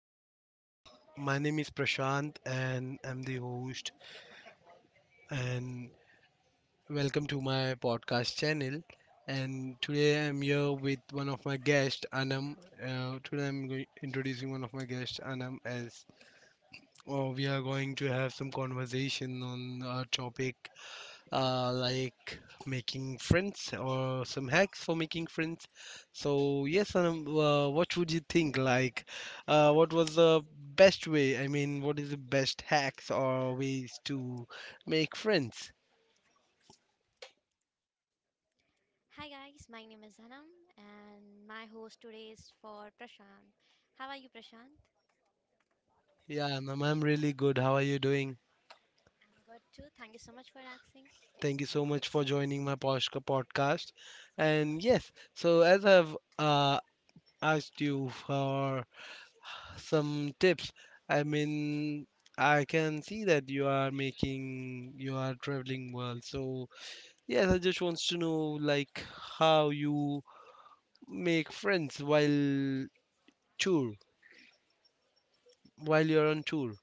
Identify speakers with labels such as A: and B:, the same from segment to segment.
A: everyone, my name is Prashant and I'm the host and welcome to my podcast channel and today I'm here with one of my guests Anam. Today I'm going introducing one of my guests Anam as oh, we are going to have some conversation on a topic like making friends or some hacks for making friends. So yes, Anam, what would you think? Like, what was the best way? I mean, what is the best hacks or ways to make friends?
B: Hi guys, my name is Anam and my host today is for Prashant. How are you Prashant?
A: Yeah, Anam, I'm really good. How are you doing?
B: I'm good too. Thank you so much for asking.
A: Thank you so much for joining my Poshka podcast. And yes, so as I've asked you for some tips. I mean, I can see that you are traveling well. So, yes, I just wants to know like how you make friends tour, while you're on tour.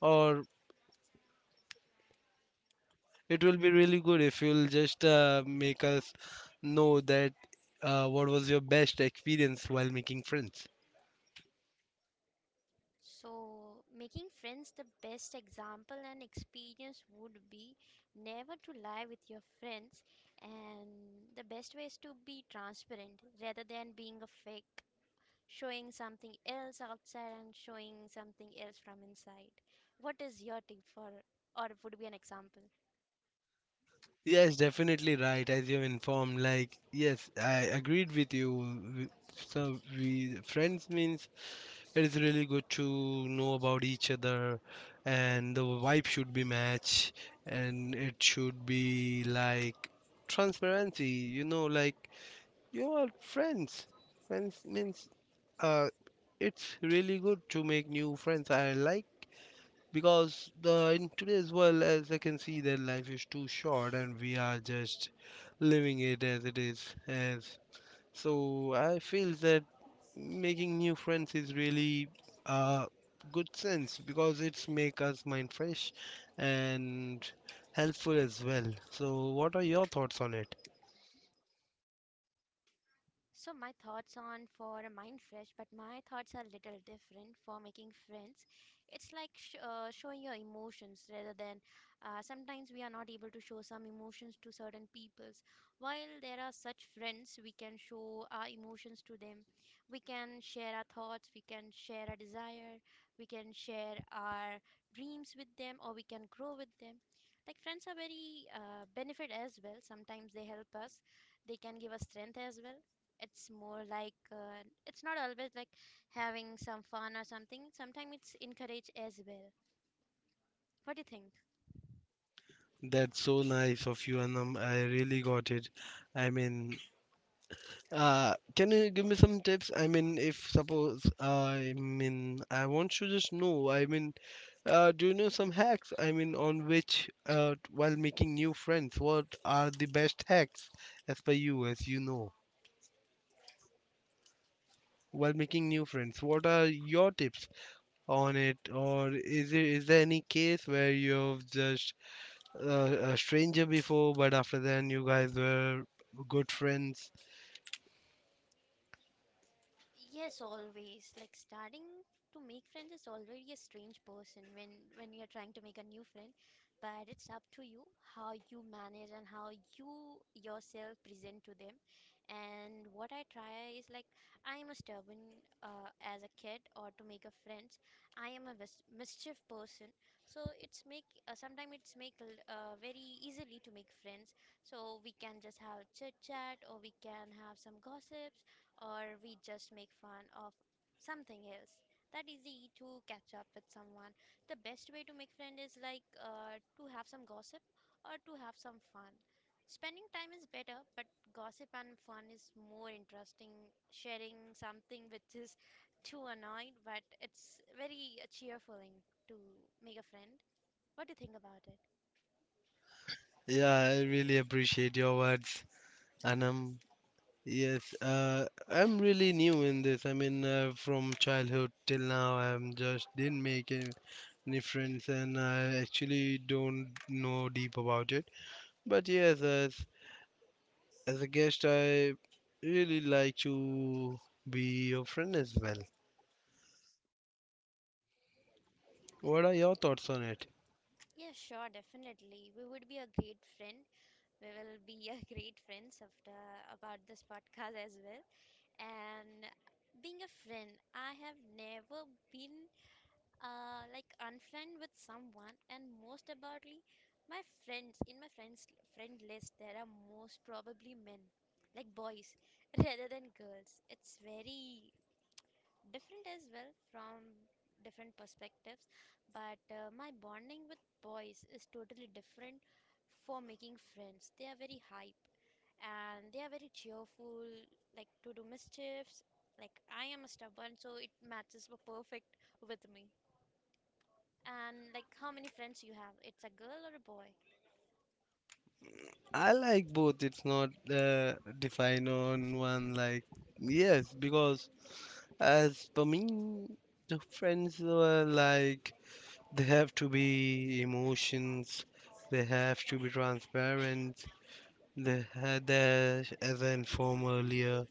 A: Or it will be really good if you'll just make us know that what was your best experience while making friends.
B: So, making friends, the best example and experience would be never to lie with your friends, and the best way is to be transparent rather than being a fake, showing something else outside and showing something else from inside. What is your tip for or would be an example?
A: Yes, definitely right. As you informed, like yes, I agreed with you. We- So we friends means, it is really good to know about each other, and the vibe should be match, and it should be like transparency. You know, like you are friends. Friends means uh, it's really good to make new friends. I like because the in today's world, as I can see, that life is too short, and we are just living it as it is, as so I feel that making new friends is really a good sense because it's make us mind fresh and helpful as well. So what are your thoughts on it?
B: So my thoughts on for mind fresh, but my thoughts are a little different for making friends. It's like showing your emotions rather than sometimes we are not able to show some emotions to certain peoples. While there are such friends, we can show our emotions to them. We can share our thoughts. We can share our desire. We can share our dreams with them, or we can grow with them. Like friends are very benefit as well. Sometimes they help us. They can give us strength as well. It's more like it's not always like having some fun or something. Sometimes it's encouraged as well. What do you think?
A: That's so nice of you, Anam. I really got it. I mean, can you give me some tips? I mean, if suppose, I mean, I want to just know, I mean, do you know some hacks? I mean, on which, while making new friends, what are the best hacks as per you, as you know, while making new friends? What are your tips on it? Or is there any case where you've just a stranger before, but after then you guys were good friends?
B: Yes, always. Like starting to make friends is already a strange person when you're trying to make a new friend, but it's up to you how you manage and how you yourself present to them. And what I try is like I'm a stubborn as a kid or to make a friends. I am a mischief person, so it's make sometimes it's make very easily to make friends. So we can just have chit chat, or we can have some gossips, or we just make fun of something else. That easy to catch up with someone. The best way to make friend is like to have some gossip or to have some fun. Spending time is better, but gossip and fun is more interesting. Sharing something which is too annoying, but it's very cheerful to make a friend. What do you think about it?
A: Yeah, I really appreciate your words, Anam. Yes, I'm really new in this. I mean, from childhood till now, I'm just didn't make any friends, and I actually don't know deep about it. But yes, as a guest, I really like to be your friend as well. What are your thoughts on it?
B: Yeah, sure, definitely. We would be a great friend. We will be a great friends after about this podcast as well. And being a friend, I have never been like unfriend with someone, and most aboutly, my friends in my friends friend list there are most probably men, like boys, rather than girls. It's very different as well from different perspectives, but my bonding with boys is totally different for making friends. They are very hype and they are very cheerful, like to do mischiefs. Like I am a stubborn, so it matches perfect with me. And like how many friends you have? It's a girl or a boy?
A: I like both. It's not defined on one. Like yes, because as for me, the friends were like. They have to be emotions. They have to be transparent. They had that as I informed earlier.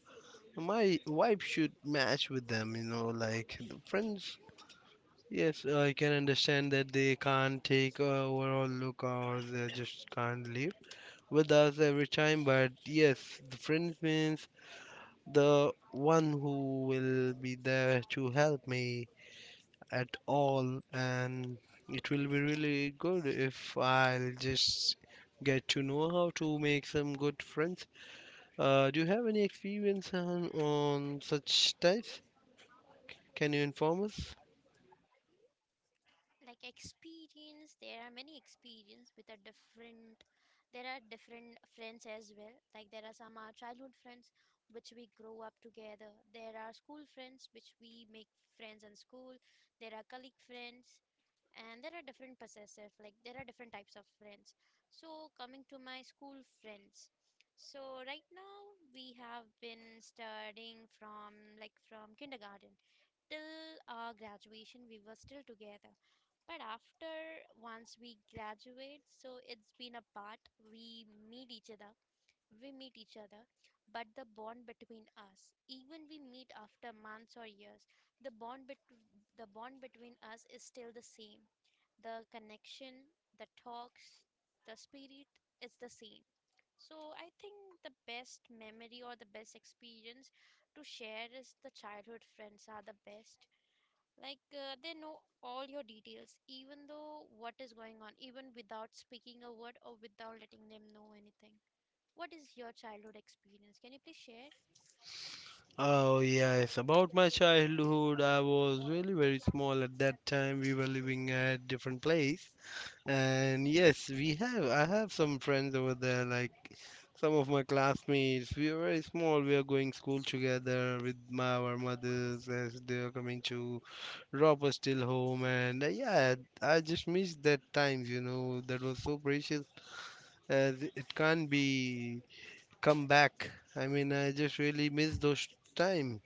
A: My vibe should match with them, you know, like the friends. Yes, I can understand that they can't take a overall look or they just can't live with us every time. But yes, the friends means the one who will be there to help me at all, and it will be really good if I'll just get to know how to make some good friends. Do you have any experience on such types? Can you inform us?
B: Like experience, there are many experience with a different. There are different friends as well. Like there are some our childhood friends which we grow up together. There are school friends which we make friends in school. There are colleague friends, and there are different possessive. Like there are different types of friends. So coming to my school friends, so right now, we have been studying from like from kindergarten till our graduation. We were still together, but after once we graduate, so it's been apart. We meet each other. we meet each other, but the bond between us, even we meet after months or years, the bond bet- the bond between us is still the same. The connection, the talks, the spirit is the same. So I think the best memory or the best experience to share is the childhood friends are the best. Like they know all your details, even though what is going on, even without speaking a word or without letting them know anything. What is your childhood experience? Can you please share?
A: Oh, yes, about my childhood, I was really very small at that time. We were living at different place, and yes, we have. I have some friends over there, like some of my classmates. We are very small. We are going school together with our mothers as they are coming to drop us till home. And yeah, I just miss that times. You know, that was so precious. As it can't be come back. I mean, I just really miss those time.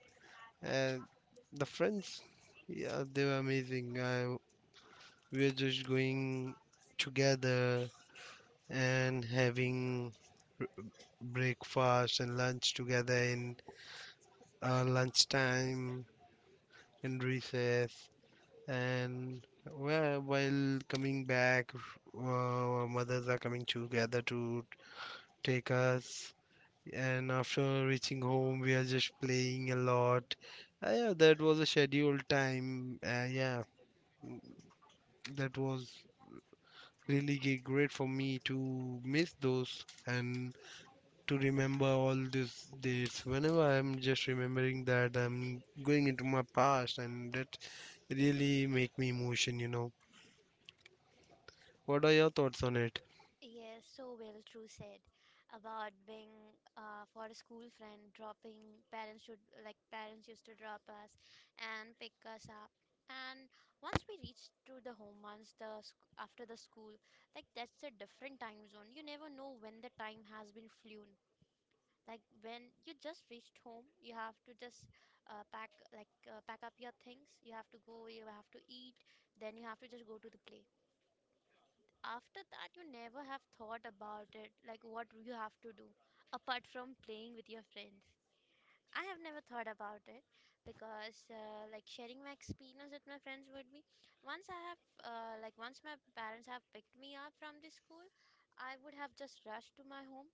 A: And the friends, yeah, they were amazing. I we were just going together and having breakfast and lunch together in lunchtime and recess. And while coming back, our mothers are coming together to take us. And after reaching home, we are just playing a lot. Yeah, that was a scheduled time. Yeah, that was really great for me to miss those and to remember all these dates. Whenever I'm just remembering that, I'm going into my past, and that really make me emotion. You know, what are your thoughts on it?
B: Yes, so well, true said about being for a school friend, dropping parents should like parents used to drop us and pick us up. And once we reached to the home, once after the school, like that's a different time zone. You never know when the time has been flown. Like when you just reached home, you have to just pack like pack up your things. You have to go. You have to eat. Then you have to just go to the play. After that you never have thought about it, like what you have to do apart from playing with your friends. I have never thought about it, because like sharing my experience with my friends would be, once I have like once my parents have picked me up from the school, I would have just rushed to my home.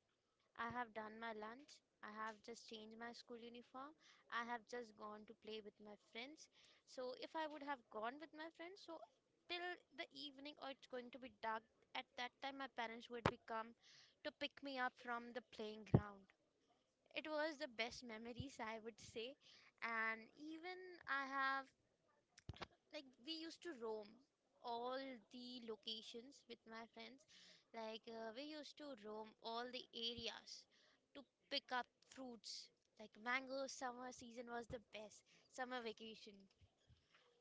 B: I have done my lunch. I have just changed my school uniform. I have just gone to play with my friends. So, if I would have gone with my friends, so till the evening or it's going to be dark, at that time my parents would be come to pick me up from the playing ground. It was the best memories, I would say. And even I have, like we used to roam all the locations with my friends. Like we used to roam all the areas to pick up fruits, like mango. Summer season was the best. Summer vacation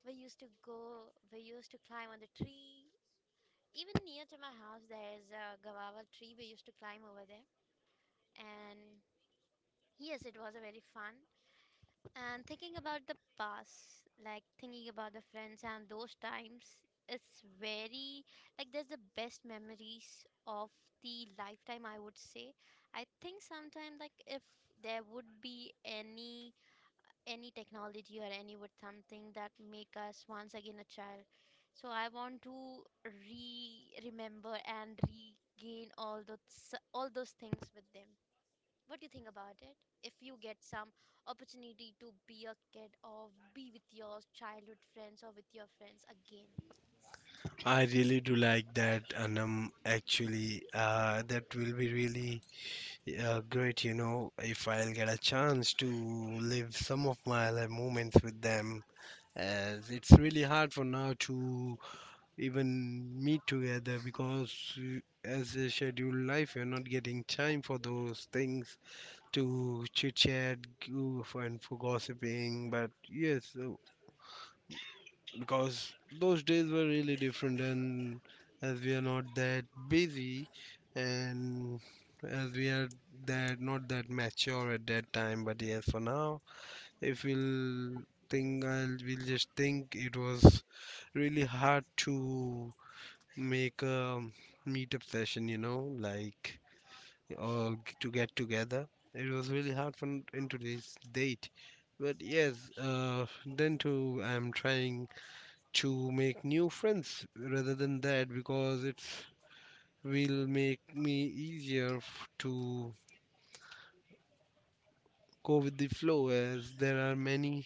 B: we used to go, we used to climb on the tree. Even near to my house there is a guava tree, we used to climb over there. And yes, it was a very fun. And thinking about the past, like thinking about the friends and those times, it's very like there's the best memories of the lifetime, I would say. I think sometime like if there would be any technology or any would something that make us once again a child. So I want to re remember and regain all those things with them. What do you think about it? If you get some opportunity to be a kid or be with your childhood friends or with your friends again.
A: I really do like that, Anam. Actually, that will be really great, if I'll get a chance to live some of my life moments with them. As it's really hard for now to even meet together because as a scheduled life, you're not getting time for those things to chit chat goof and for gossiping. But yes, because those days were really different, and as we are not that busy, and as we are that not that mature at that time. But yes, for now, if we'll think, I'll we'll just think it was really hard to make a meetup session, you know, like to get together. It was really hard for in today's date. But yes, then too, I'm trying to make new friends rather than that because it will make me easier to go with the flow as there are many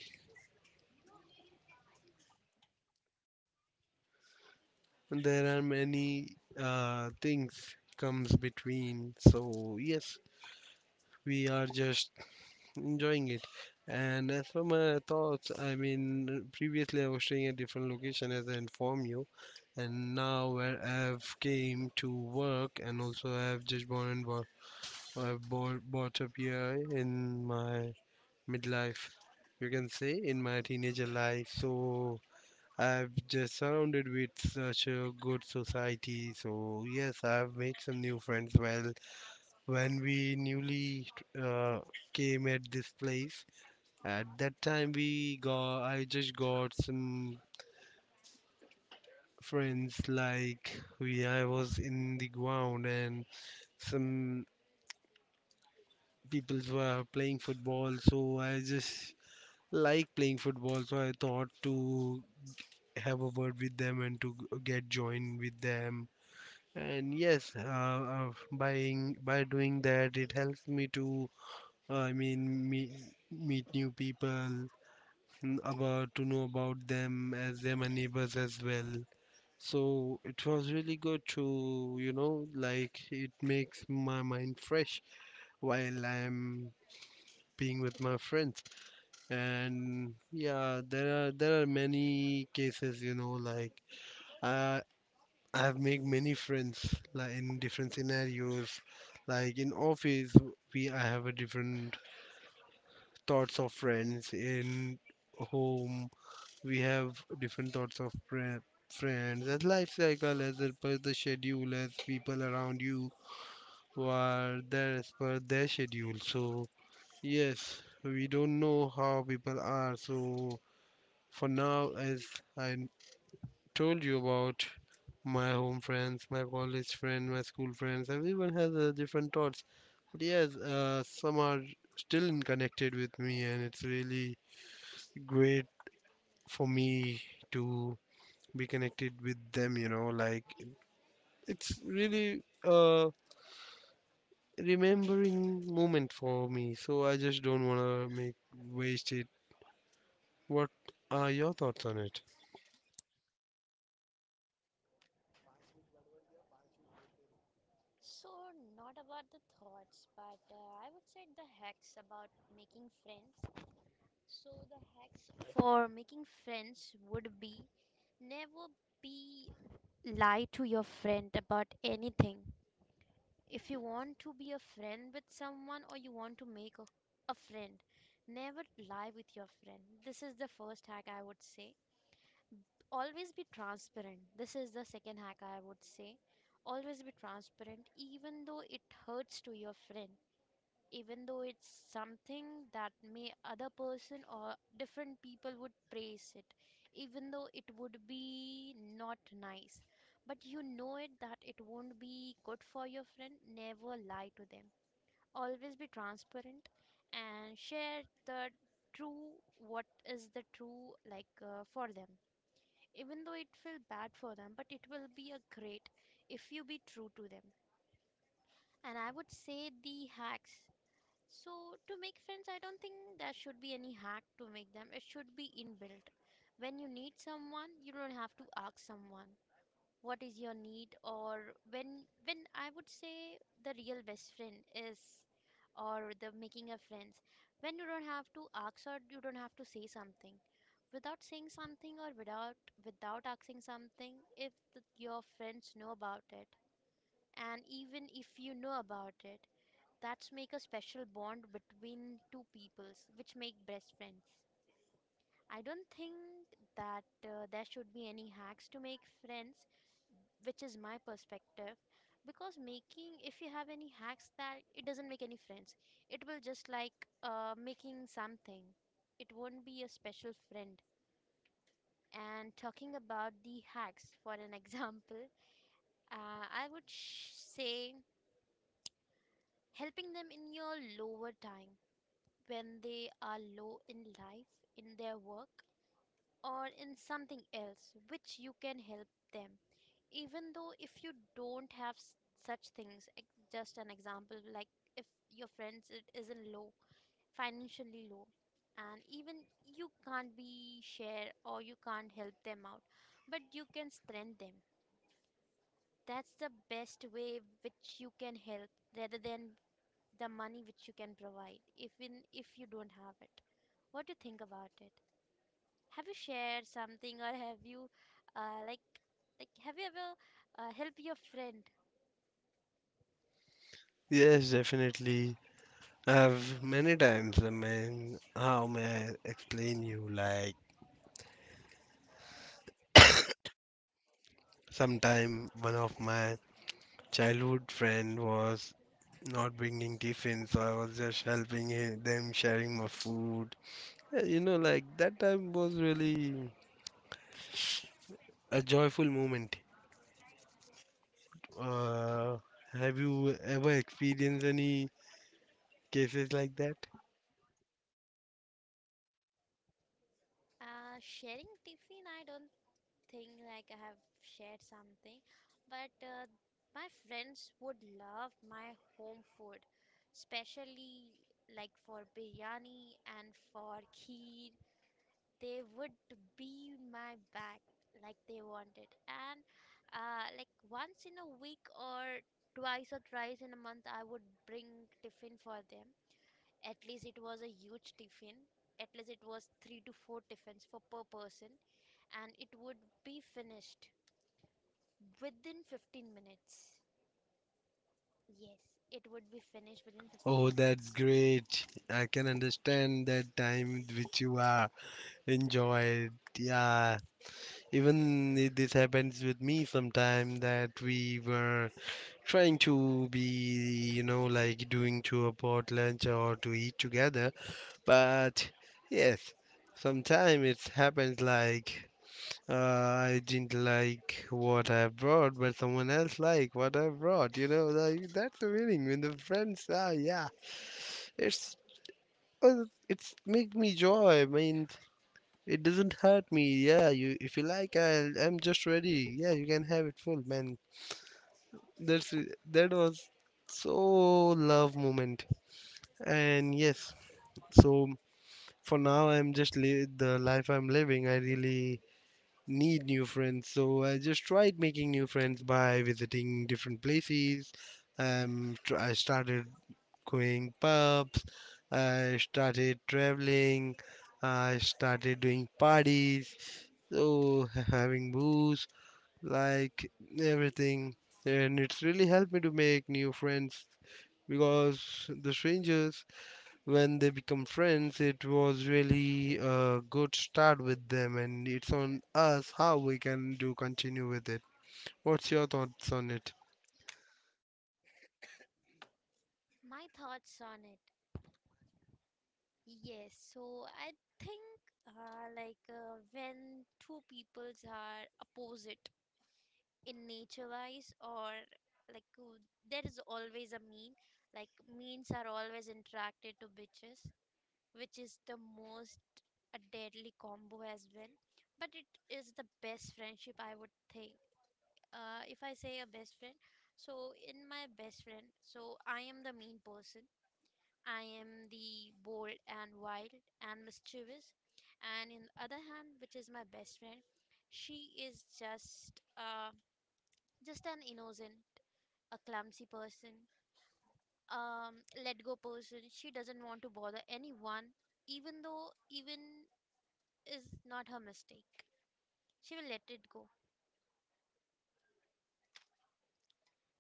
A: there are many things comes between. So yes, we are just enjoying it. And as for my thoughts, I mean, previously I was staying at different location as I informed you, and now where I've came to work and also I've just born and bought, I've bought, bought up here in my midlife, you can say, in my teenager life. So I've just surrounded with such a good society. So yes, I've made some new friends. Well, when we newly uh, came at this place. At that time, we got I just got some friends like we I was in the ground and some people were playing football, so I just like playing football, so I thought to have a word with them and to get joined with them. And yes, buying by doing that, it helps me to I mean meet new people n- about to know about them as they're my neighbors as well. So it was really good to, like it makes my mind fresh while I'm being with my friends. And yeah, there are many cases, you know, like I I have made many friends like in different scenarios. Like in office, we I have a different thoughts of friends. In home we have different thoughts of friends, as life cycle, as per the schedule, as people around you who are there as per their schedule. So yes, we don't know how people are. So for now, as I told you about my home friends, my college friend, my school friends, everyone has different thoughts. But yes, some are still in connected with me, and it's really great for me to be connected with them, you know, like it's really a remembering moment for me. So I just don't want to make waste it. What are your thoughts on it?
B: So, not about the thoughts, but I would say the hacks about making friends. So, the hacks for making friends would be never be lie to your friend about anything. If you want to be a friend with someone or you want to make a friend, never lie with your friend. This is the first hack, I would say. Always be transparent. This is the second hack, I would say. Always be transparent, even though it hurts to your friend, even though it's something that may other person or different people would praise it, even though it would be not nice, but you know it that it won't be good for your friend. Never lie to them. Always be transparent and share the true. What is the true, like for them, even though it feel bad for them, but it will be a great if you be true to them. And I would say the hacks, so, to make friends, I don't think there should be any hack to make them. It should be inbuilt. When you need someone, you don't have to ask someone what is your need. Or when I would say, the real best friend is, or the making a friends, when you don't have to ask or you don't have to say something, without saying something or without without asking something, if your friends know about it, and even if you know about it, that's make a special bond between two peoples which make best friends. I don't think that there should be any hacks to make friends, which is my perspective. Because making, if you have any hacks, that it doesn't make any friends. It will just like making something. It won't be a special friend. And talking about the hacks, for an example, I would say helping them in your lower time, when they are low in life, in their work, or in something else which you can help them, even though if you don't have s- such things just an example. Like if your friends it isn't low, financially low, and even you can't be share or you can't help them out, but you can strengthen them, that's the best way which you can help, rather than the money which you can provide even if you don't have it. What do you think about it? Have you shared something, or have you, uh, like, like have you ever helped your friend?
A: Yes, definitely, I've many times. I mean, how may I explain you? Like sometime one of my childhood friend was not bringing tiffin, so I was just helping them sharing my food. You know, like that time was really a joyful moment. Uh, have you ever experienced any cases like that?
B: Sharing tiffin, I don't think like I have shared something, but my friends would love my home food, especially like for biryani and for kheer they would be my back like they wanted and like once in a week or twice or thrice in a month I would bring tiffin for them. At least it was a huge tiffin, at least it was 3 to 4 tiffins for per person, and it would be finished within 15 minutes. Yes, it would be finished within 15
A: Oh, that's
B: minutes.
A: great. I can understand that time which you are enjoyed. Yeah, even this happens with me sometime that we were trying to be, you know, like doing to a pot lunch or to eat together. But yes, sometime it happens like. I didn't like what I brought, but someone else liked what I brought. You know, like that's the meaning. When the friends, yeah, it's well, it's make me joy. I mean, it doesn't hurt me. Yeah, you if you like, I'm just ready. Yeah, you can have it full, man. That's that was so love moment. And yes, so for now, I'm just the life I'm living. I really need new friends. So I just tried making new friends by visiting different places. I started going pubs. I started traveling. I started doing parties. So having booze, like everything, and it's really helped me to make new friends because the strangers when they become friends, it was really a good start with them, and it's on us how we can do continue with it. What's your thoughts on it?
B: My thoughts on it. Yes, so I think like when two peoples are opposite in nature wise or like there is always a mean, like means are always interacted to bitches, which is the most a deadly combo as well, but it is the best friendship I would think. Uh, if I say a best friend, so in my best friend, so I am the mean person. I am the bold and wild and mischievous. And in the other hand, which is my best friend, she is just an innocent, a clumsy person, let go person. She doesn't want to bother anyone, even though even is not her mistake. She will let it go.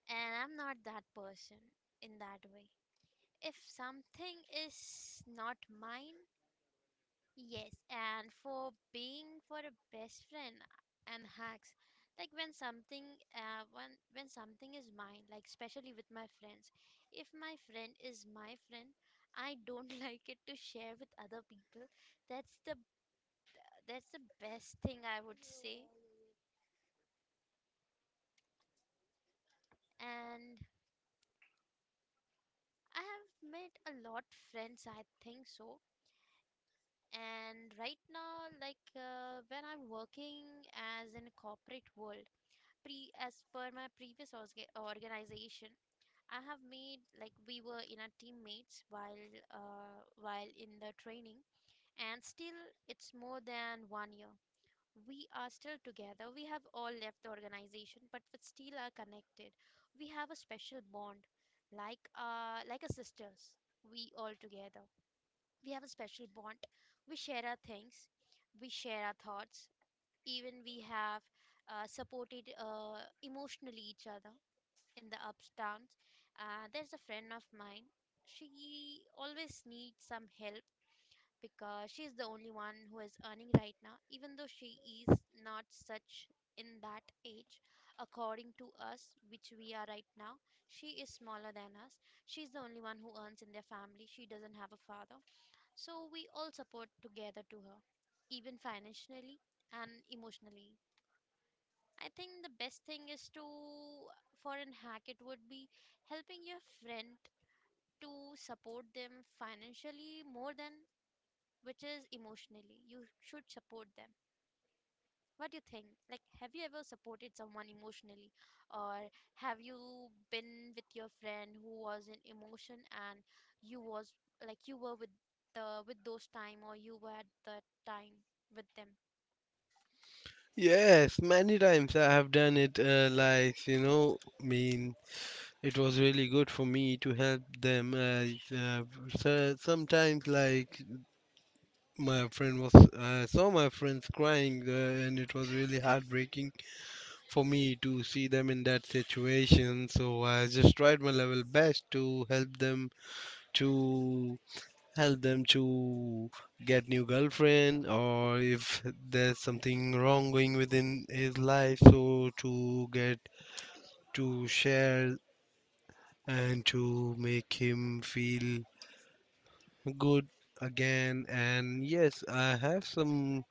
B: And I'm not that person in that way. If something is not mine, yes, and for being for a best friend and hacks, like when something when something is mine, like especially with my friends, if my friend is my friend, I don't like it to share with other people. That's the that's the best thing I would say. And I have made a lot friends, I think so. And right now, like when I'm working as in a corporate world, pre as per my previous organization, I have made, like, we were in our teammates uh, while in the training, and still it's more than 1 year we are still together. We have all left the organization, but we still are connected. We have a special bond like a sisters. We all together, we have a special bond. We share our things, we share our thoughts. Even we have supported emotionally each other in the ups downs. Uh, there's a friend of mine, she always needs some help, because she's the only one who is earning right now, even though she is not such in that age according to us which we are right now. She is smaller than us. She's the only one who earns in their family. She doesn't have a father, so we all support together to her, even financially and emotionally. I think the best thing is to, for an hack, it would be helping your friend to support them financially more than which is emotionally. You should support them. What do you think? Like, have you ever supported someone emotionally, or have you been with your friend who was in emotion, and you was like you were with the with those time, or you were at the time with them?
A: Yes, many times I have done it. Like you know, I mean, it was really good for me to help them. So sometimes, like I saw my friends crying, and it was really heartbreaking for me to see them in that situation. So I just tried my level best to to help them to get new girlfriend, or if there's something wrong going within his life, so to get to share and to make him feel good again. And yes, I have some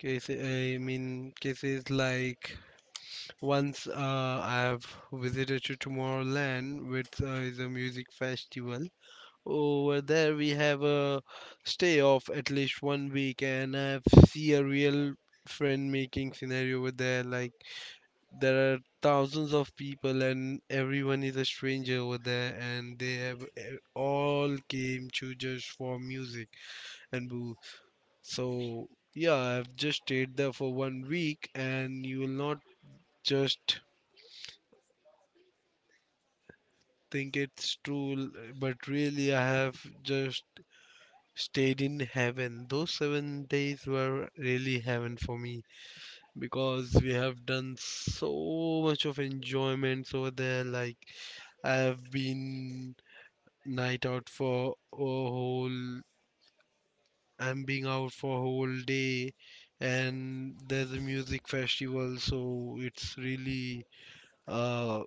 A: cases, I mean cases like. Once I have visited to Tomorrowland, which is a music festival. Over there, we have a stay of at least one week, and I have see a real friend making scenario over there. Like there are thousands of people, and everyone is a stranger over there, and they have all came to just for music and boo. So yeah, I've just stayed there for one week, and you will not just think it's true, but really, I have just stayed in heaven. Those 7 days were really heaven for me because we have done so much of enjoyments over there. Like, I have been night out for a whole, I'm being out for a whole day, and there's a music festival, so it's really uh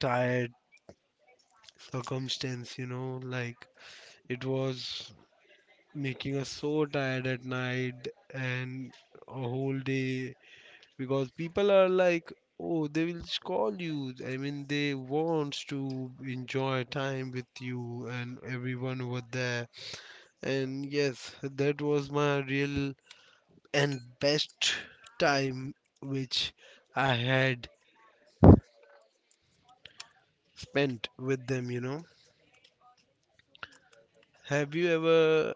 A: tired circumstance, you know, like it was making us so tired at night and a whole day. Because people are like, oh, they will call you, I mean, they want to enjoy time with you and everyone over there. And yes, that was my real and best time which I had spent with them. You know, have you ever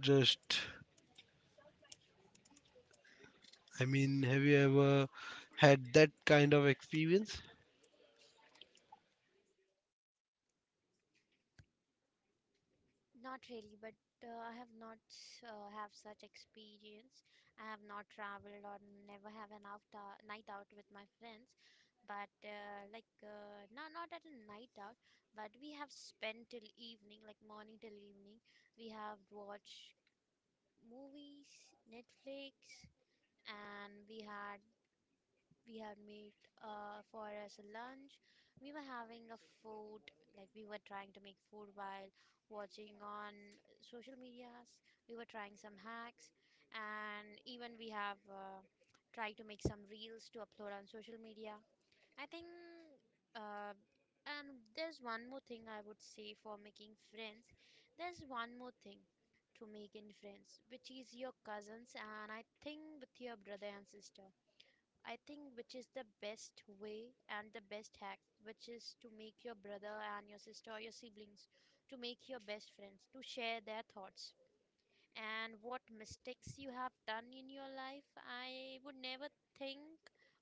A: just I mean, have you ever had that kind of experience?
B: Not really, but I have not have such experience. I have not traveled or never have an after night out with my friends. But like no, not at a night out, but we have spent till evening, like morning till evening. We have watched movies, Netflix, and we had made for us a lunch. We were having a food, like we were trying to make food while watching on social medias. We were trying some hacks, and even we have tried to make some reels to upload on social media. I think, uh, and there's one more thing I would say for making friends. There's one more thing to make in friends, which is your cousins, and I think with your brother and sister. I think which is the best way and the best hack, which is to make your brother and your sister or your siblings, to make your best friends, to share their thoughts and what mistakes you have done in your life. I would never think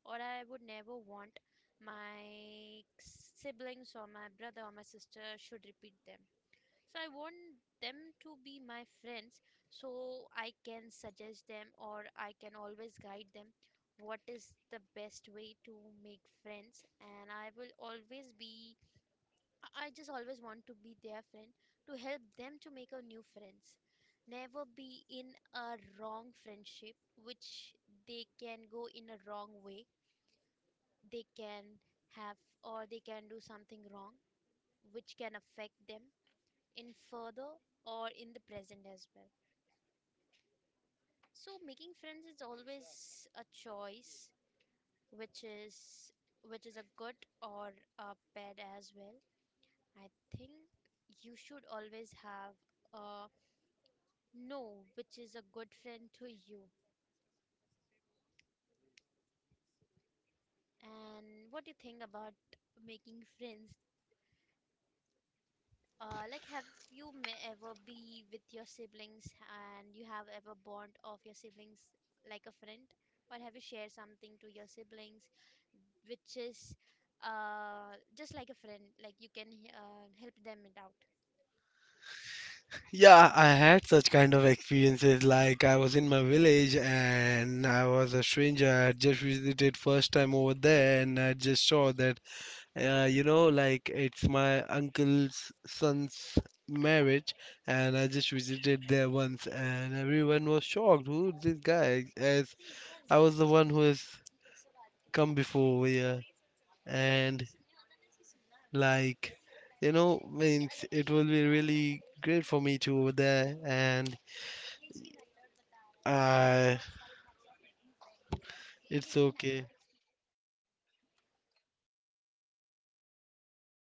B: or I would never want my siblings or my brother or my sister should repeat them. So I want them to be my friends, so I can suggest them or I can always guide them what is the best way to make friends, and I will always be, I just always want to be their friend to help them to make a new friends. Never be in a wrong friendship which they can go in a wrong way. They can have or they can do something wrong which can affect them in further or in the present as well. So making friends is always a choice, which is which is a good or a bad as well. I think you should always have a know which is a good friend to you. And what do you think about making friends? Like, have you may ever be with your siblings and you have ever bond of your siblings like a friend? Or have you shared something to your siblings which is just like a friend, like you can help them it out?
A: Yeah, I had such kind of experiences. Like I was in my village and I was a stranger. I had just visited first time over there, and I just saw that, you know, like it's my uncle's son's marriage, and I just visited there once, and everyone was shocked. Who is this guy? As I was the one who has come before over here, and like, you know, means it will be really great for me to over there and. I It's okay.